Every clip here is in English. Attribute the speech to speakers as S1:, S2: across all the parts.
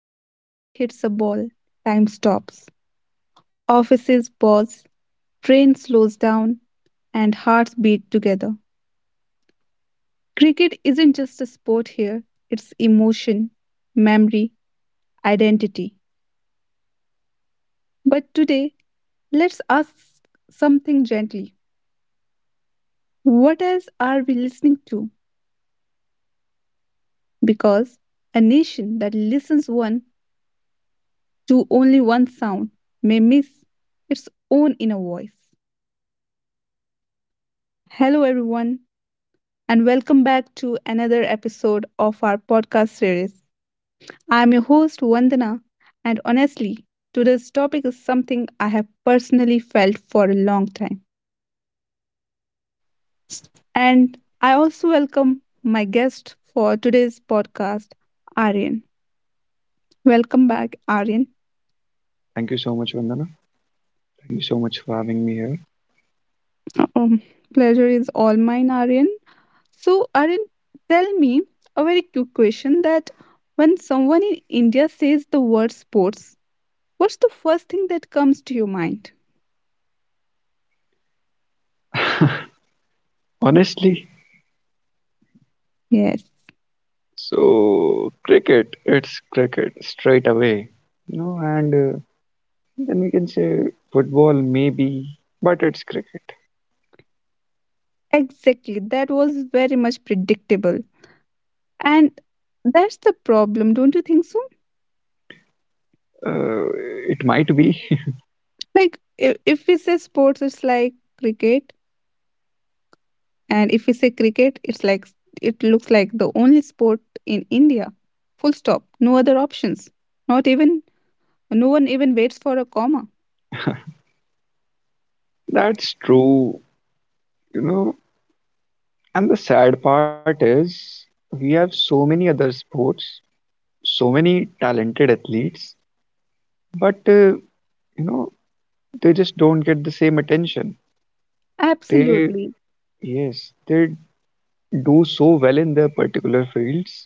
S1: when a bat hits a ball, time stops, offices pause, train slows down, and hearts beat together. Cricket isn't just a sport here, it's emotion, memory, identity. But today, let's ask something gently. What else are we listening to? Because a nation that listens one to only one sound may miss its own inner voice. Hello, everyone. And welcome back to another episode of our podcast series. I am your host, Vandana, and honestly, today's topic is something I have personally felt for a long time. And I also welcome my guest for today's podcast, Aryan. Welcome back, Aryan.
S2: Thank you so much, Vandana. Thank you so much for having me here.
S1: Um, Pleasure is all mine, Aryan. So, Aryan, tell me a very quick question that when someone in India says the word sports, what's the first thing that comes to your mind?
S2: Honestly,
S1: Yes,
S2: so cricket, it's cricket straight away, you know, and then we can say football maybe, but it's cricket.
S1: exactly. That was very much predictable. And that's the problem, don't you think so?
S2: Uh, it might be.
S1: Like, if we say sports, it's like cricket. And if we say cricket, it looks like the only sport in India. Full stop. No other options. Not even, no one even waits for a comma.
S2: That's true, you know. And the sad part is we have so many other sports, so many talented athletes, but you know, they just don't get the same attention. They,
S1: Absolutely.
S2: yes, they do so well in their particular fields.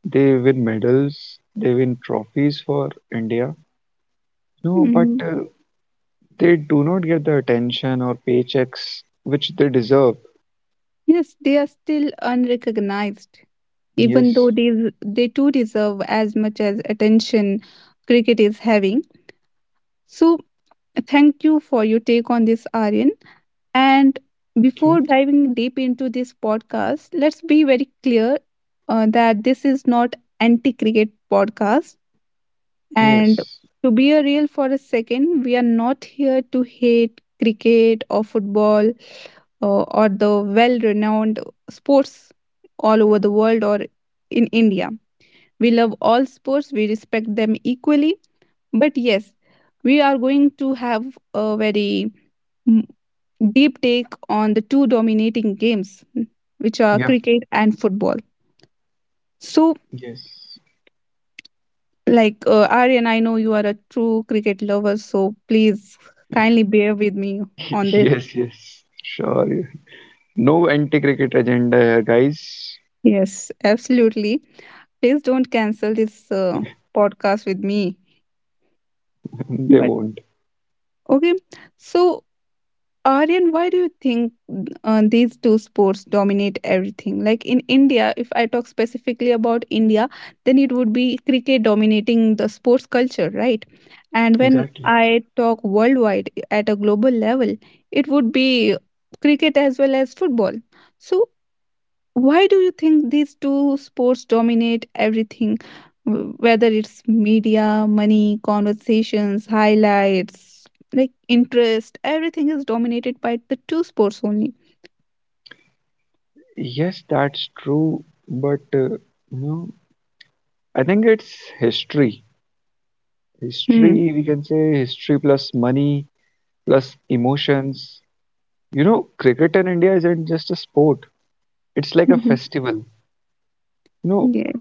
S2: They win medals, they win trophies for India. No, but
S1: Hmm.
S2: They do not get the attention or paychecks which they deserve.
S1: Yes, they are still unrecognized, even though
S2: Yes.
S1: they too deserve as much as attention cricket is having. So, thank you for your take on this, Aryan. And before
S2: Okay.
S1: diving deep into this podcast, let's be very clear that this is not anti-cricket podcast. And
S2: Yes.
S1: to be a real for a second, we are not here to hate cricket or football or the well-renowned sports all over the world or in India. We love all sports. We respect them equally, but yes, we are going to have a very mm, deep take on the two dominating games, which are
S2: Yeah.
S1: cricket and football. So,
S2: Yes.
S1: like Aryan, I know you are a true cricket lover, so please kindly bear with me on this.
S2: Yes. Yes. Sure. Yeah. No anti-cricket agenda here, guys.
S1: Yes, absolutely. Please don't cancel this podcast with me.
S2: They
S1: But
S2: won't.
S1: okay, so Aryan, why do you think these two sports dominate everything? Like in India, if I talk specifically about India, then it would be cricket dominating the sports culture, right? And when
S2: Exactly.
S1: I talk worldwide at a global level, it would be cricket as well as football. So why do you think these two sports dominate everything, whether it's media, money, conversations, highlights, like interest? Everything is dominated by the two sports only.
S2: Yes, that's true. But You know, I think it's history.
S1: Hmm.
S2: History, we can say history plus money plus emotions. You know, cricket in India isn't just a sport, it's like a
S1: Mhm.
S2: festival. You know,
S1: Yeah.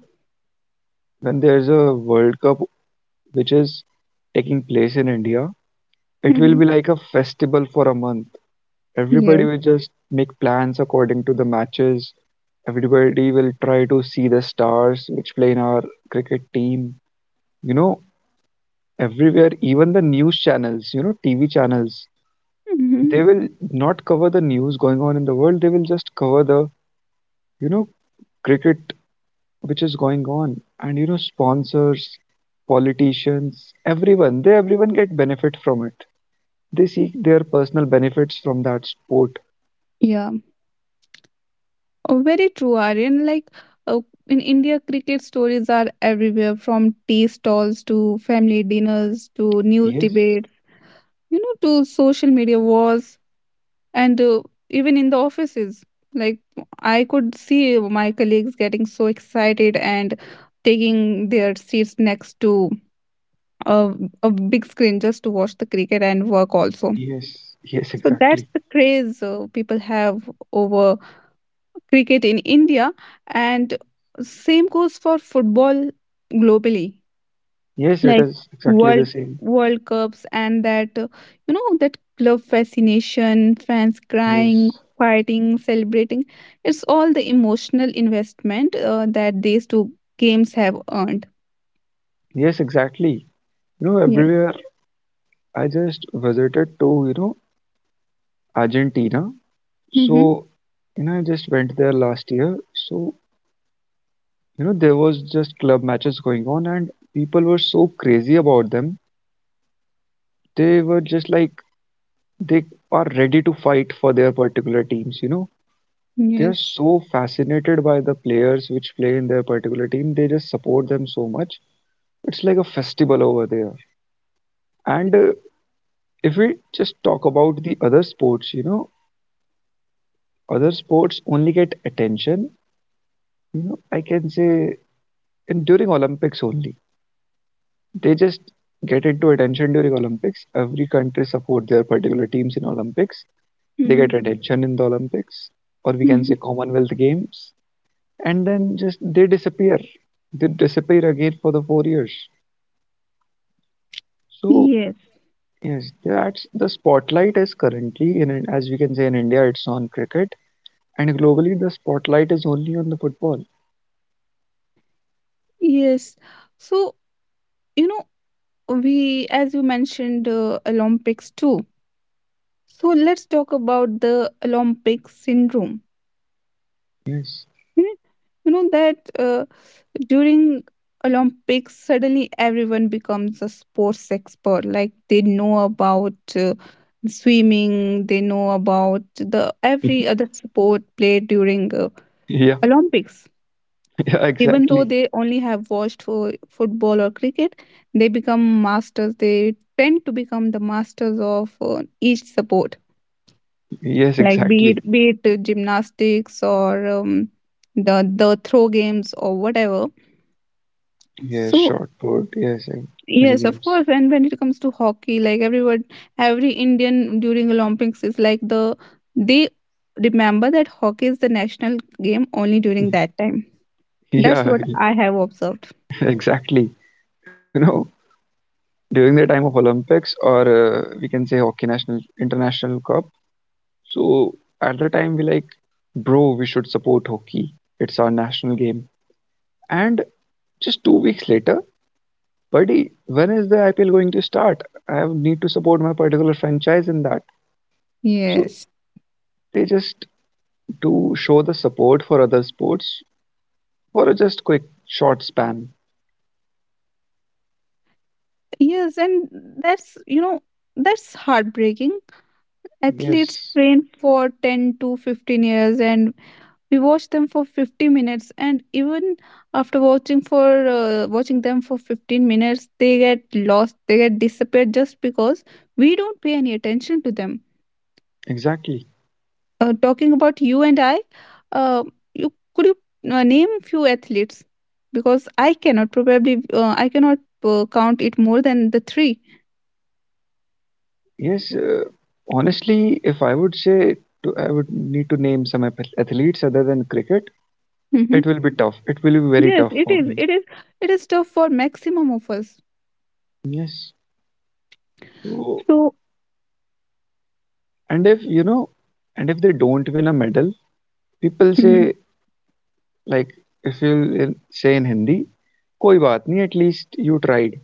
S2: when there's a World Cup which is taking place in India, it will
S1: Hmm.
S2: be like a festival for a month. Everybody
S1: Yeah.
S2: will just make plans according to the matches. Everybody will try to see the stars which play in our cricket team. You know, everywhere, even the news channels, you know, TV channels,
S1: Hmm.
S2: they will not cover the news going on in the world. They will just cover the, you know, cricket which is going on, and you know, sponsors, politicians, everyone, they everyone get benefit from it. They seek their personal benefits from that sport.
S1: Yeah. Oh, very true, Aryan. Like uh, in India, cricket stories are everywhere from tea stalls to family dinners to news
S2: Yes,
S1: debates, you know, to social media wars. And even in the offices, like, I could see my colleagues getting so excited and taking their seats next to a, a big screen just to watch the cricket and work also.
S2: yes, yes,
S1: So that's
S2: exactly.
S1: the craze people have over cricket in India. And same goes for football globally,
S2: Yes, it
S1: like
S2: is exactly the
S1: world
S2: same.
S1: world cups and that, you know, that club fascination, fans crying,
S2: Yes,
S1: fighting, celebrating. It's all the emotional investment that these two games have earned.
S2: yes, exactly, you know,
S1: Yes.
S2: everywhere. I just visited to, you know, Argentina.
S1: Mm-hmm.
S2: So you know, I just went there last year. So you know, there was just club matches going on and people were so crazy about them. They were just like, they are ready to fight for their particular teams, you know. They are
S1: Yes.
S2: so fascinated by the players which play in their particular team. They just support them so much. It's like a festival over there. And if we just talk about the other sports, you know, other sports only get attention, you know. I can say in during Olympics only, they just get into attention during Olympics. Every country support their particular teams in Olympics. They
S1: Mm-hmm.
S2: get attention in the Olympics, or we can
S1: Mm-hmm.
S2: say Commonwealth Games, and then just they disappear. They disappear again for the 4 years. So
S1: Yes,
S2: yes, that's the spotlight is currently, in as we can say, in India it's on cricket, and globally the spotlight is only on the football.
S1: yes. So, you know, we, as you mentioned, Olympics too, so let's talk about the Olympic syndrome.
S2: Yes.
S1: Hmm? You know that during Olympics suddenly everyone becomes a sports expert, like they know about swimming, they know about the every other sport played during
S2: Yeah,
S1: Olympics.
S2: yeah,
S1: Even though
S2: exactly.
S1: they only have watched for football or cricket, they become masters. They tend to become the masters of each sport,
S2: Yes,
S1: like be it
S2: exactly.
S1: be it gymnastics or the throw games or whatever.
S2: Yes,
S1: So
S2: short put, yes, and many
S1: yes, of
S2: games.
S1: course. And when it comes to hockey, like every Indian during Olympics is like, they remember that hockey is the national game only during that time. That's
S2: Yeah,
S1: what I have observed.
S2: exactly. You know, during the time of Olympics, or we can say hockey national international cup. So at the time, we like, bro, we should support hockey. It's our national game. And just 2 weeks later, buddy, when is the IPL going to start? I need to support my particular franchise in that. So
S1: Yes.
S2: they just do show the support for other sports for a just quick short span.
S1: Yes, and that's, you know, that's heartbreaking. Athletes
S2: Yes,
S1: train for 10 to 15 years and we watch them for 50 minutes, and even after watching them for 15 minutes, they get lost, they get disappeared, just because we don't pay any attention to them.
S2: exactly.
S1: Talking about you and I, uh, you could you name few athletes, because I cannot count it more than the 3.
S2: Yes, uh, Honestly, if I would say I would need to name some athletes other than cricket,
S1: Mm-hmm.
S2: it will be tough. It will be very
S1: Yes,
S2: tough
S1: it
S2: for
S1: is.
S2: me.
S1: It is. It is tough for maximum of us.
S2: Yes. So,
S1: So.
S2: and if you know, and if they don't win a medal, people
S1: Mhm.
S2: say like, if you will say in Hindi, koi baat nahi, at least you tried.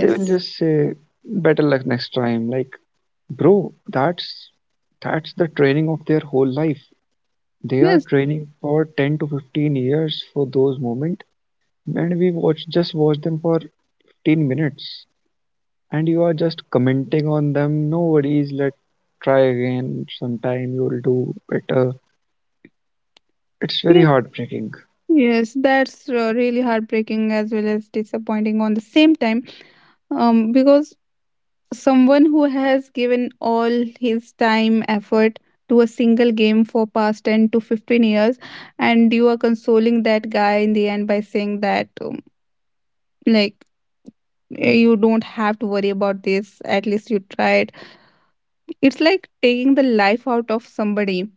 S2: They will just say better luck next time. Like, bro, that's the training of their whole life. They are
S1: yes,
S2: training for 10 to 15 years for those moments, and we watch, just watch them for 15 minutes, and you are just commenting on them. No worries, let try again sometime. You'll do better. It's very
S1: yes,
S2: heartbreaking.
S1: yes. That's really heartbreaking as well as disappointing on the same time. Because someone who has given all his time, effort to a single game for past 10 to 15 years, and you are consoling that guy in the end by saying that, like, "Hey, you don't have to worry about this. At least you tried." It's like taking the life out of somebody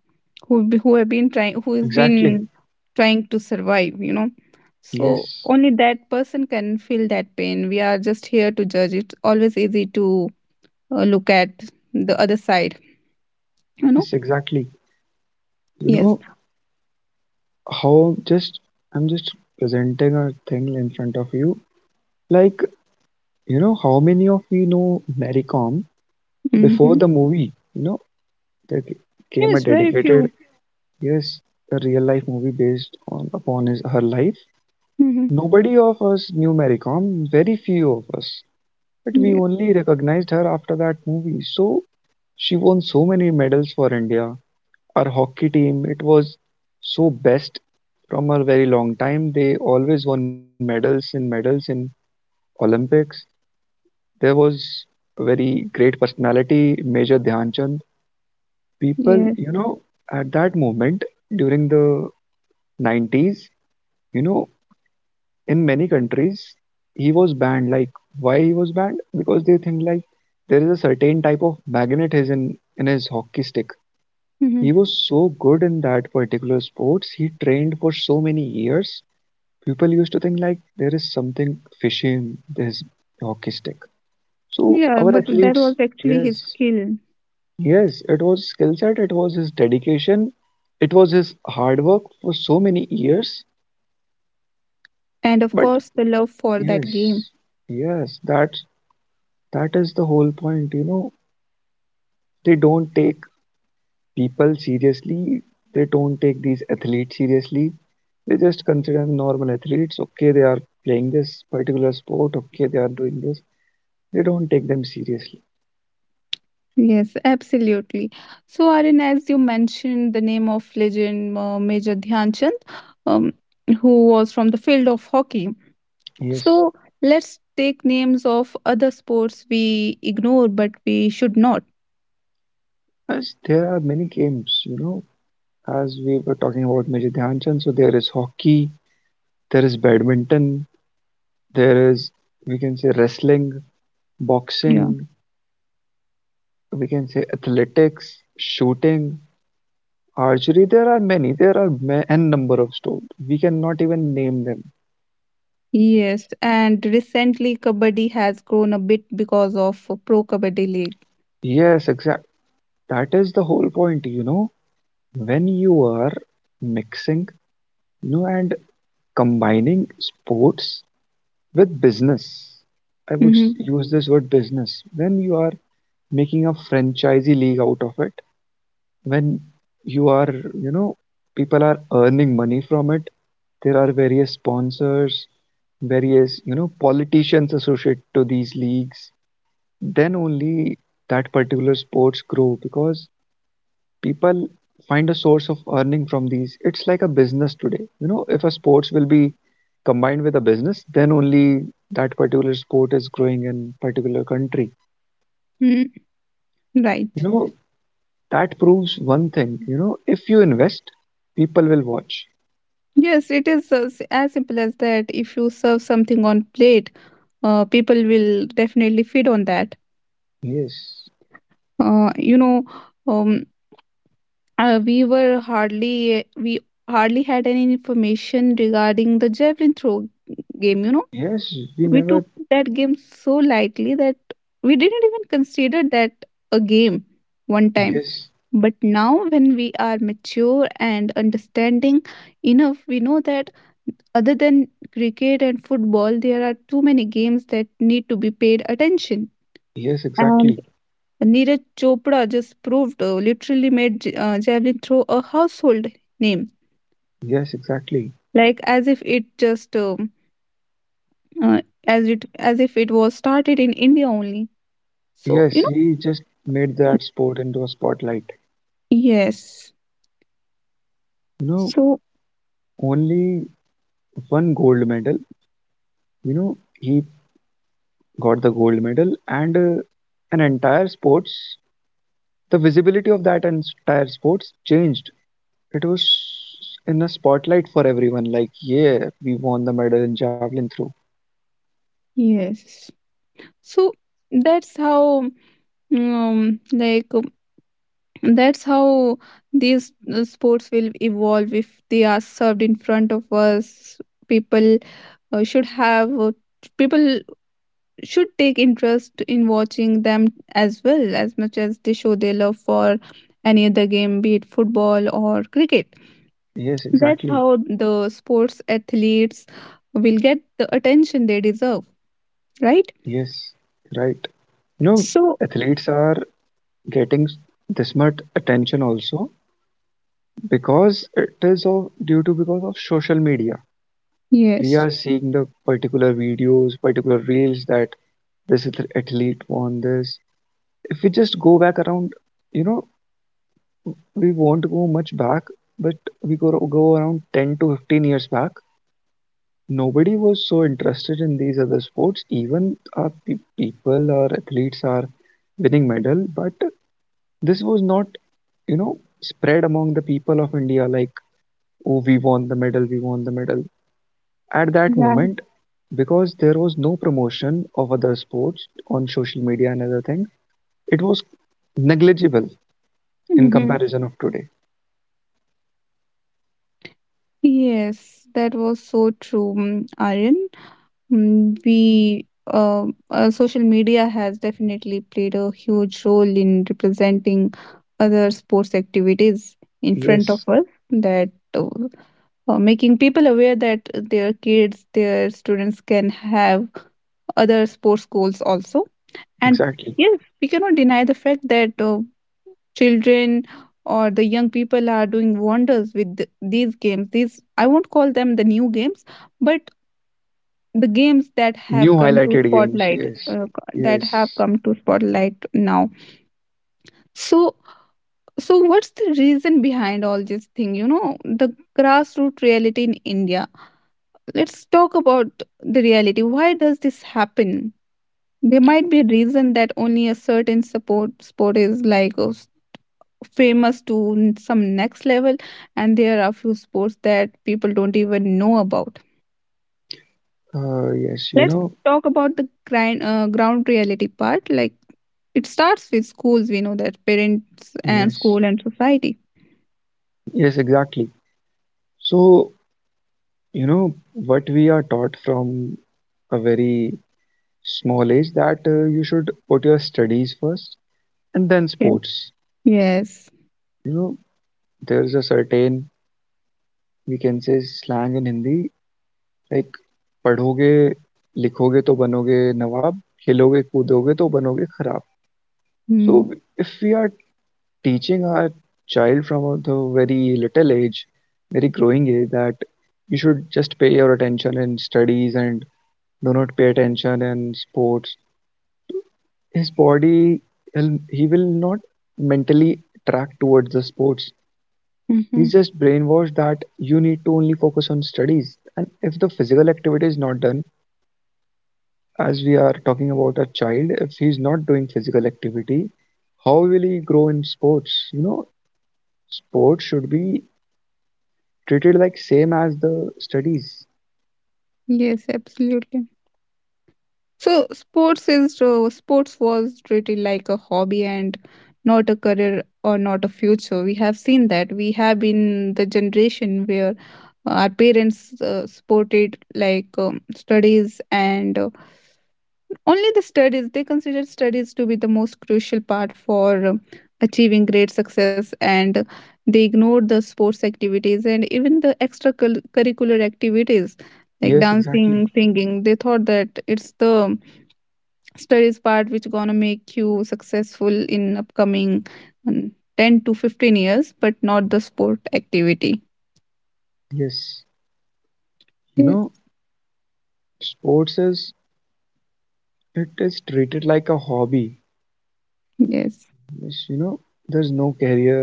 S1: who has
S2: Exactly.
S1: been trying to survive. So
S2: Yes.
S1: only that person can feel that pain. We are just here to judge. It's always easy to look at the other side you know
S2: Yes, exactly. You
S1: yes.
S2: know, how just I'm just presenting a thing in front of you. Like, you know, how many of we know Mary Kom before
S1: Mm-hmm.
S2: the movie? You know, there came a
S1: Yes, very
S2: dedicated,
S1: few.
S2: yes, a real life movie based on upon his her life.
S1: Mm-hmm.
S2: Nobody of us knew Mary Kom, very few of us. But we
S1: Yes,
S2: only recognized her after that movie. So she won so many medals for India. Our hockey team, it was so best from a very long time. They always won medals and medals in Olympics. There was a very great personality, Major Dhyan Chand. People,
S1: yes.
S2: you know, at that moment, during the 90s, you know, in many countries he was banned. Like, why he was banned? Because they think like there is a certain type of magnetism in his hockey stick.
S1: Mm-hmm.
S2: He was so good in that particular sports. He trained for so many years. People used to think like there is something fishy in this hockey stick. So
S1: Yeah,
S2: our
S1: but that
S2: athletes,
S1: was actually his
S2: yes,
S1: skill.
S2: yes, it was skill set, it was his dedication, it was his hard work for so many years.
S1: And of
S2: But
S1: course the love for that game.
S2: yes, yes, that, that is the whole point. You know, they don't take people seriously. They don't take these athletes seriously. They just consider them normal athletes. Okay, they are playing this particular sport. Okay, they are doing this. They don't take them seriously.
S1: Yes, absolutely. So, Aryan, as you mentioned, the name of legend Major Dhyan Chand, um, who was from the field of hockey.
S2: Yes.
S1: So, let's take names of other sports we ignore, but we should not.
S2: As there are many games, you know, as we were talking about Major Dhyanchand, so there is hockey, there is badminton, there is, we can say, wrestling,
S1: Yeah.
S2: boxing, we can say, athletics, shooting, archery. There are many, there are n number of sports. We cannot even name them.
S1: Yes, and recently Kabaddi has grown a bit because of a Pro Kabaddi League.
S2: Yes, exact. That is the whole point, you know. When you are mixing, you know, and combining sports with business, I would
S1: Mm-hmm.
S2: use this word business, when you are making a franchisee league out of it, when you are, you know, people are earning money from it, there are various sponsors, various, you know, politicians associated to these leagues, then only that particular sports grow because people find a source of earning from these. It's like a business today, you know. If a sports will be combined with a business, then only that particular sport is growing in particular country.
S1: Mm-hmm.
S2: You
S1: Right.
S2: know, that proves one thing, you know, if you invest, people will watch.
S1: Yes, it is as simple as that. If you serve something on plate, people will definitely feed on that.
S2: Yes,
S1: uh, you know um, we hardly had any information regarding the javelin throw game.
S2: yes, we
S1: We
S2: never.
S1: took that game so lightly that we didn't even consider that a game one time.
S2: Yes,
S1: But now when we are mature and understanding enough, we know that other than cricket and football there are too many games that need to be paid attention.
S2: yes,
S1: And
S2: exactly.
S1: Neeraj Chopra just proved, literally made javelin throw a household name,
S2: Yes, exactly.
S1: like as if it was started in India only. So,
S2: Yes, he just made that sport into a spotlight,
S1: yes.
S2: you know.
S1: So
S2: Only one gold medal, you know, he got the gold medal, and an entire sports, the visibility of that entire sports changed. It was in the spotlight for everyone, like yeah, we won the medal in javelin throw.
S1: yes. So that's how um, like um, that's how these sports will evolve if they are served in front of us. People uh, should have uh, People should take interest in watching them as much as they show their love for any other game, be it football or cricket.
S2: Yes,
S1: That's
S2: exactly.
S1: how the sports athletes will get the attention they deserve, right.
S2: Yes, right, you know.
S1: So
S2: Athletes are getting this much attention also because it is of due to because of social media. We
S1: yes,
S2: are seeing the particular videos, particular reels, that this athlete won this. If we just go back around, you know, we won't go much back, but we go around 10 to 15 years back. Nobody was so interested in these other sports. Even our people or athletes are winning medal, but this was not, you know, spread among the people of India like, oh, we won the medal, we won the medal. At that
S1: right.
S2: moment, because there was no promotion of other sports on social media and other things, it was negligible in
S1: Mhm.
S2: comparison of today.
S1: Yes, that was so true, Aryan. Mm, we uh, Social media has definitely played a huge role in representing other sports activities in front of
S2: Yes,
S1: us, that making people aware that their students can have other sports goals also. And
S2: exactly.
S1: yes, we cannot deny the fact that children or the young people are doing wonders with these games. These, I won't call them the new games, but the games that
S2: New
S1: have come to
S2: highlighted games,
S1: spotlight
S2: yes,
S1: that have
S2: yes,
S1: come to spotlight now. So, what's the reason behind all this thing? You know, the grassroots reality in India. Let's talk about the reality. Why does this happen? There might be a reason that only a certain support sport is like, famous to some next level, and there are few sports that people don't even know about.
S2: yes, you
S1: Let's
S2: know,
S1: talk about the ground reality part. Like it starts with schools. We know that parents and
S2: yes,
S1: school and society.
S2: yes, exactly. So, you know, what we are taught from a very small age that you should put your studies first and then
S1: Yeah.
S2: sports.
S1: Yes.
S2: You know, there's a certain, we can say, slang in Hindi, like पढ़ोगे लिखोगे तो बनोगे नवाब खेलोगे कूदोगे तो बनोगे खराब. So
S1: Hmm.
S2: if we are teaching our child from the very little age, very growing age, that you should just pay your attention in studies and do not pay attention in sports, his body, he will not mentally track towards the sports.
S1: Mm-hmm.
S2: He's just brainwashed that you need to only focus on studies. And if the physical activity is not done, as we are talking about a child, if he's not doing physical activity, how will he grow in sports? You know, sports should be treated like same as the studies.
S1: Yes, absolutely. So sports was treated like a hobby and not a career or not a future. We have seen that. We have been the generation where our parents supported, like, studies and only the studies. They consider studies to be the most crucial part for achieving great success, and they ignore the sports activities and even the extracurricular activities like
S2: Yes, exactly.
S1: dancing, singing. They thought that it's the studies part which gonna make you successful in upcoming um, 10 to 15 years, but not the sport activity.
S2: Yes, you know,
S1: Yes.
S2: sports is, it is treated like a hobby.
S1: Yes.
S2: Yes, you know, there's no career,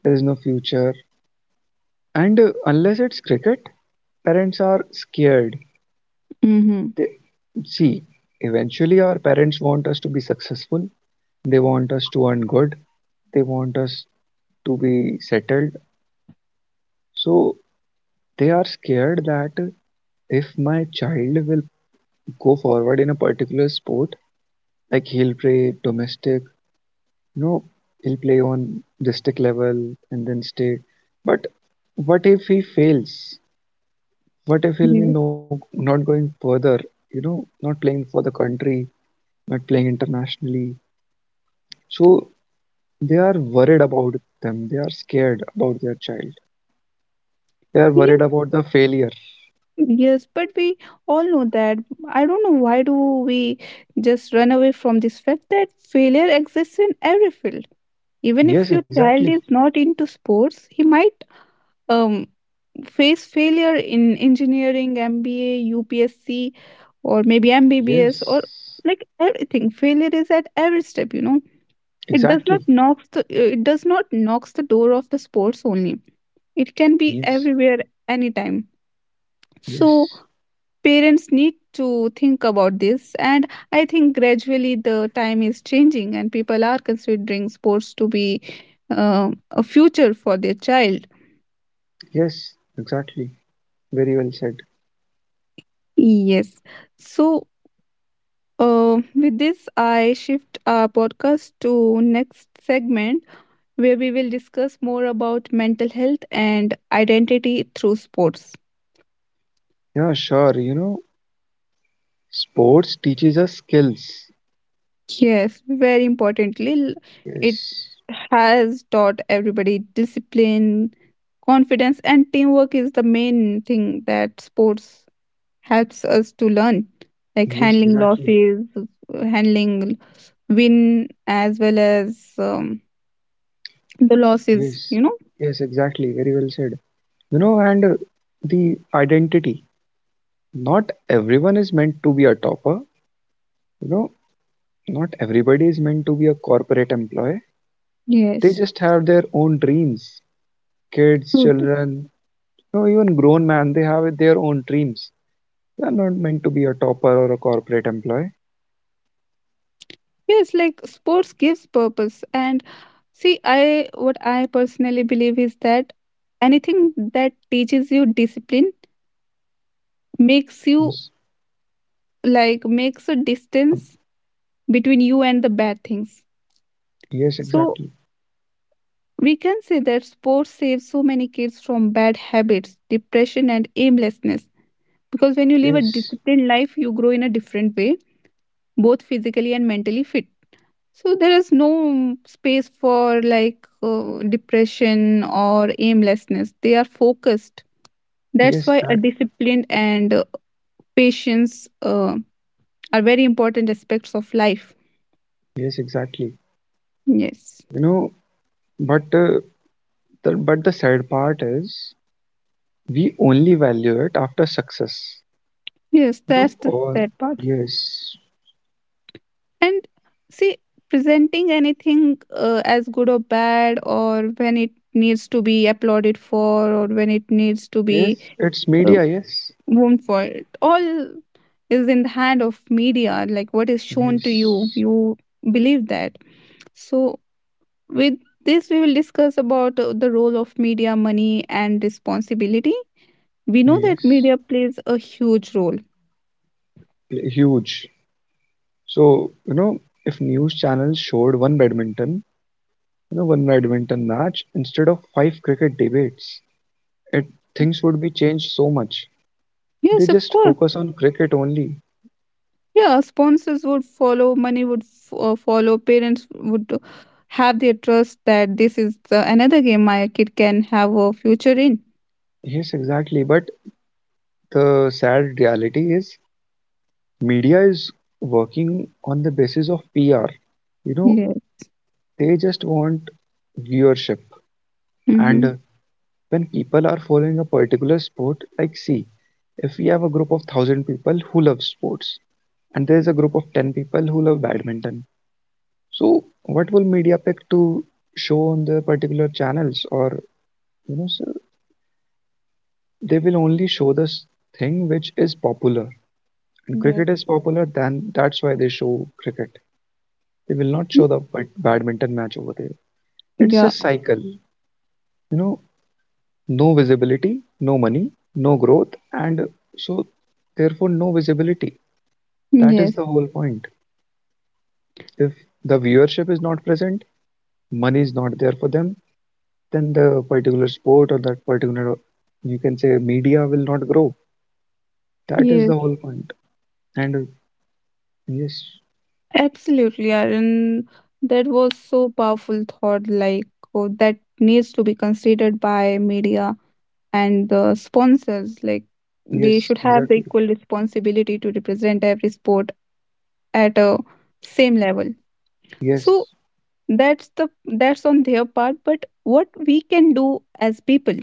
S2: there's no future, and unless it's cricket, parents are scared.
S1: Mm-hmm.
S2: They see eventually our parents want us to be successful, they want us to earn good, they want us to be settled. So they are scared that if my child will go forward in a particular sport, like he'll play domestic, no, he'll play on district level and then state. But what if he fails? What if he'll be,
S1: Yes.
S2: no, not going further? You know, not playing for the country, not playing internationally. So they are worried about them. They are scared about their child. They are worried about the failure.
S1: Yes, but we all know that. I don't know why do we just run away from this fact that failure exists in every field. Even
S2: Yes,
S1: if your child
S2: exactly.
S1: is not into sports, he might um face failure in engineering, MBA, UPSC, or maybe MBBS, or
S2: Yes,
S1: like everything. Failure is at every step. You know,
S2: exactly.
S1: it does not knocks the door of the sports only. It can be
S2: Yes,
S1: everywhere, anytime. So
S2: yes,
S1: parents need to think about this and I think gradually the time is changing and people are considering sports to be a future for their child.
S2: yes, exactly. Very well said.
S1: Yes. So uh, with this I shift our podcast to next segment where we will discuss more about mental health and identity through sports.
S2: Yeah, sure. You know, sports teaches us skills.
S1: Yes, very importantly, it
S2: Yes,
S1: has taught everybody discipline, confidence, and teamwork is the main thing that sports helps us to learn, like
S2: yes,
S1: handling
S2: exactly.
S1: losses, handling win as well as the losses.
S2: Yes,
S1: You know.
S2: Yes, exactly. Very well said. You know, and The identity. Not everyone is meant to be a topper. You know, not everybody is meant to be a corporate employee. They
S1: Yes.
S2: just have their own dreams. Kids,
S1: Good.
S2: children, you know, even grown man, they have their own dreams. They are not meant to be a topper or a corporate employee.
S1: Yes, like sports gives purpose, and see, I what I personally believe is that anything that teaches you discipline makes you
S2: Yes,
S1: like makes a
S2: um,
S1: distance between you and the bad things.
S2: yes,
S1: So
S2: exactly.
S1: we can say that sports saves so many kids from bad habits, depression, and aimlessness, because when you live a
S2: Yes,
S1: disciplined life you grow in a different way, both physically and mentally fit. So there is no space for like depression or aimlessness. They are focused. That's
S2: yes,
S1: why a
S2: that.
S1: disciplined and patience are very important aspects of life.
S2: Yes, exactly.
S1: Yes.
S2: You know, But the sad part is we only value it after success.
S1: Yes,
S2: No,
S1: that's the
S2: all
S1: sad part.
S2: yes,
S1: And see, presenting anything as good or bad, or when it needs to be applauded for, or when it needs to be
S2: yes, It's
S1: uh,
S2: media. Yes,
S1: wound for, it all is in the hand of media. Like what is shown to you,
S2: yes,
S1: you believe that. So with this, we will discuss about the role of media, money, and responsibility. We know that
S2: yes,
S1: media plays a huge role.
S2: huge. So you know, if news channels showed one badminton match instead of five cricket debates, it things would be changed so much. They
S1: Yes, of
S2: just
S1: course.
S2: focus on cricket only.
S1: Yeah, sponsors would follow, money would follow, parents would have their trust that this is another game my kid can have a future in.
S2: Yes, exactly. But the sad reality is media is working on the basis of PR. You know,
S1: Yes.
S2: they just want viewership.
S1: Mm-hmm.
S2: And When people are following a particular sport, like see, if we have a group of thousand people who love sports, and there is a group of ten people who love badminton, so what will media pick to show on the particular channels? So they will only show this thing which is popular. And
S1: Yes.
S2: cricket is popular, then that's why they show cricket. They will not show the badminton match over there. It's
S1: Yeah.
S2: a cycle, you know, no visibility, no money, no growth, and so therefore no visibility. That
S1: Yes.
S2: is the whole point. If the viewership is not present, money is not there for them, then the particular sport or that particular, you can say, media will not grow. That is
S1: Yes.
S2: the whole point. And uh, yes,
S1: Absolutely, Aaron. That was so powerful thought, like oh, that needs to be considered by media and the sponsors. Like they should
S2: yes,
S1: have the equal
S2: exactly.
S1: responsibility to represent every sport at a same level. So
S2: Yes.
S1: that's on their part, but what we can do as people,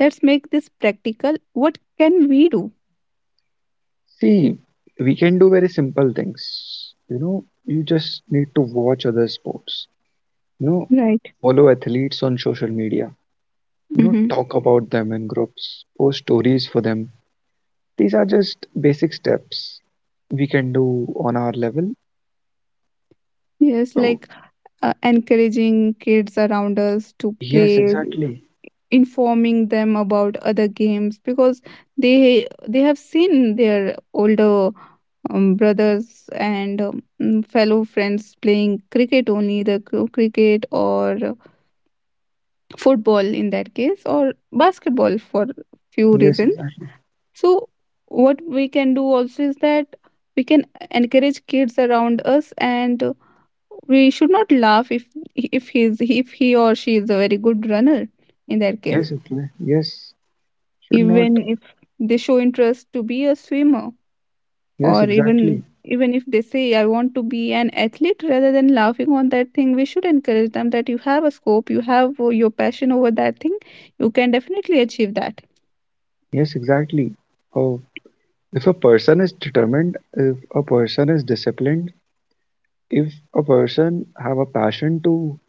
S1: let's make this practical. What can we do?
S2: See, we can do very simple things. You know, you just need to watch other sports. You know,
S1: Right.
S2: follow athletes on social media. No,
S1: Mm-hmm.
S2: talk about them in groups, post stories for them. These are just basic steps we can do on our level.
S1: Yes,
S2: Oh,
S1: like encouraging kids around us to
S2: yes,
S1: play,
S2: exactly.
S1: informing them about other games, because they have seen their older brothers and fellow friends playing cricket only, the cricket or football in that case or basketball for few
S2: Yes,
S1: reasons.
S2: exactly.
S1: So, what we can do also is that we can encourage kids around us, and we should not laugh if he's if he or she is a very good runner. In that case,
S2: Yes, exactly. Yes, should not.
S1: even if they show interest to be a swimmer,
S2: Yes,
S1: or even
S2: exactly.
S1: even if they say I want to be an athlete, rather than laughing on that thing, we should encourage them that you have a scope, you have your passion over that thing, you can definitely achieve that.
S2: Yes, exactly. Oh, if a person is determined, if a person is disciplined, if a person have a passion to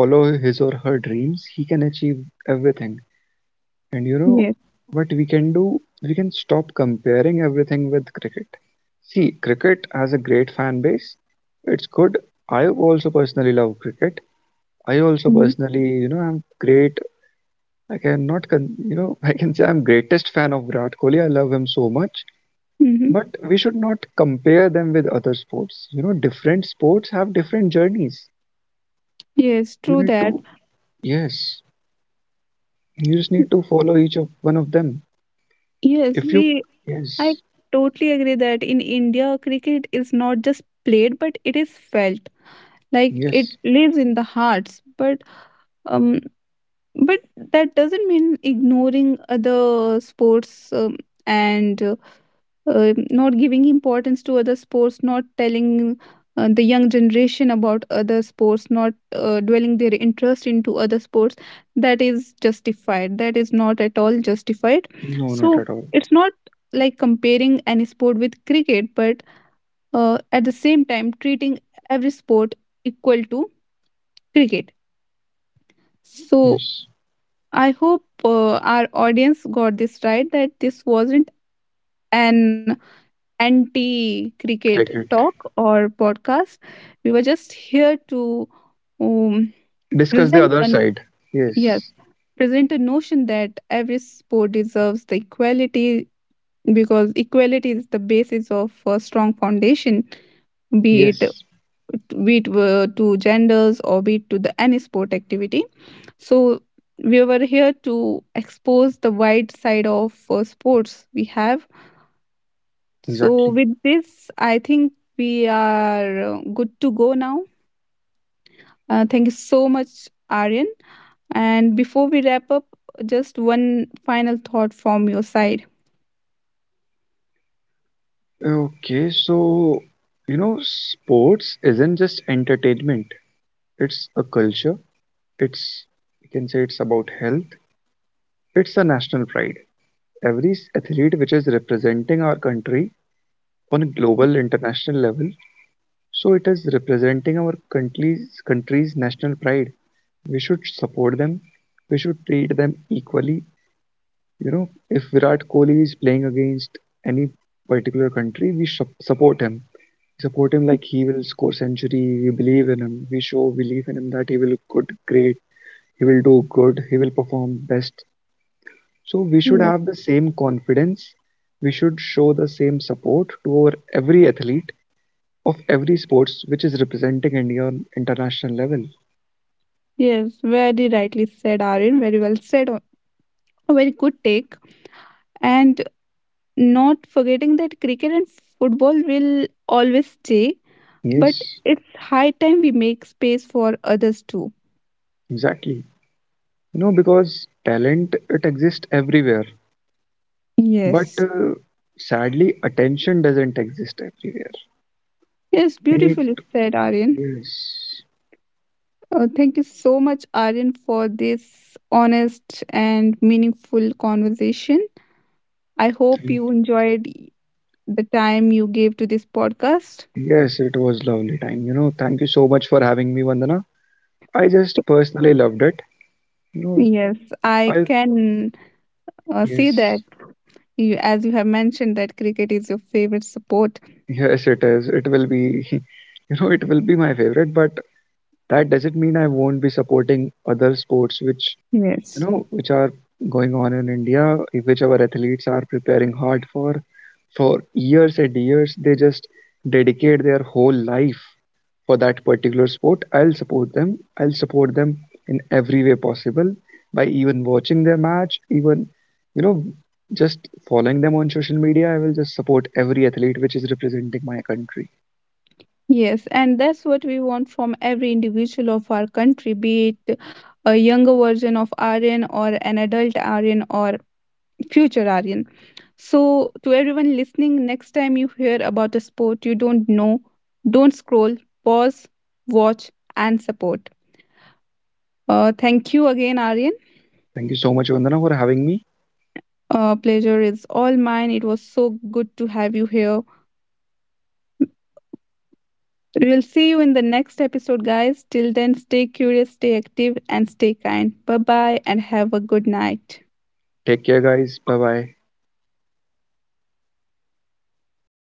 S2: follow his or her dreams, he can achieve everything. And you know
S1: Yes.
S2: what we can do? We can stop comparing everything with cricket. See, cricket has a great fan base. It's good. I also personally love cricket. I also
S1: Mm-hmm.
S2: personally, you know, I'm great. I can not, con- you know, I can say I'm greatest fan of Virat Kohli. I love him so much.
S1: Hmm.
S2: But we should not compare them with other sports. You know, different sports have different journeys.
S1: Yes,
S2: You
S1: true
S2: need
S1: that.
S2: to, yes, you just need to follow each of one of them.
S1: Yes,
S2: If you,
S1: we I
S2: yes,
S1: totally agree that in India, cricket is not just played, but it is felt. Like it
S2: yes,
S1: lives in the hearts. But um, but that doesn't mean ignoring other sports, and not giving importance to other sports, not telling the young generation about other sports, not dwelling their interest into other sports. That is not at all justified.
S2: No, not
S1: So
S2: at all.
S1: it's not like comparing any sport with cricket, but at the same time treating every sport equal to cricket. So
S2: Yes.
S1: I hope our audience got this right, that this wasn't an anti cricket
S2: Check it.
S1: talk or podcast. We were just here to um,
S2: Discuss the
S1: present
S2: other
S1: an
S2: side.
S1: yes,
S2: Yes.
S1: present a notion that every sport deserves the equality, because equality is the basis of a strong foundation, be it
S2: Yes.
S1: be it to genders or be it to the any sport activity. So we were here to expose the wide side of sports we have. So
S2: Exactly.
S1: with this, I think we are good to go now. Thank you so much, Aryan. And before we wrap up, just one final thought from your side.
S2: Okay, so you know, sports isn't just entertainment. It's a culture. It's You can say it's about health. It's a national pride. Every athlete which is representing our country on a global international level, so it is representing our country's national pride. We should support them. We should treat them equally. You know, if Virat Kohli is playing against any particular country, we support him. We support him like he will score century. We believe in him. We show belief in him that he will look good, great. He will do good. He will perform best. So we should
S1: Yes.
S2: have the same confidence. We should show the same support to our every athlete of every sports which is representing India on international level.
S1: Yes, very rightly said, Aryan. Very well said. A very good take. And not forgetting that cricket and football will always stay, but
S2: Yes,
S1: it's high time we make space for others too.
S2: exactly. You know, because talent it exists everywhere. But
S1: Yes.
S2: Sadly, attention doesn't exist everywhere.
S1: Yes,
S2: We need,
S1: beautifully said, Aryan.
S2: yes,
S1: Thank you so much, Aryan, for this honest and meaningful conversation. I hope you
S2: thank,
S1: enjoyed the time you gave to this podcast.
S2: Yes, it was lovely time. You know, thank you so much for having me, Vandana. I just personally loved it. You know,
S1: Yes, I
S2: I,
S1: can see
S2: yes,
S1: that you, as you have mentioned, that cricket is your favorite sport.
S2: yes, it is. It will be, you know, it will be my favorite, but that doesn't mean I won't be supporting other sports which, you
S1: Yes.
S2: know, which are going on in India, which our athletes are preparing hard for. For years and years, they just dedicate their whole life for that particular sport, I'll support them. I'll support them in every way possible by even watching their match, even, you know, just following them on social media. I will just support every athlete which is representing my country.
S1: Yes, and that's what we want from every individual of our country, be it a younger version of Aryan or an adult Aryan or future Aryan. So, to everyone listening, next time you hear about a sport you don't know, don't scroll, pause, watch, and support. Thank you again, Aryan.
S2: Thank you so much, Vandana, for having me.
S1: Pleasure is all mine. It was so good to have you here. We'll see you in the next episode, guys. Till then, stay curious, stay active, and stay kind. Bye bye, and have a good night.
S2: Take care, guys. Bye bye.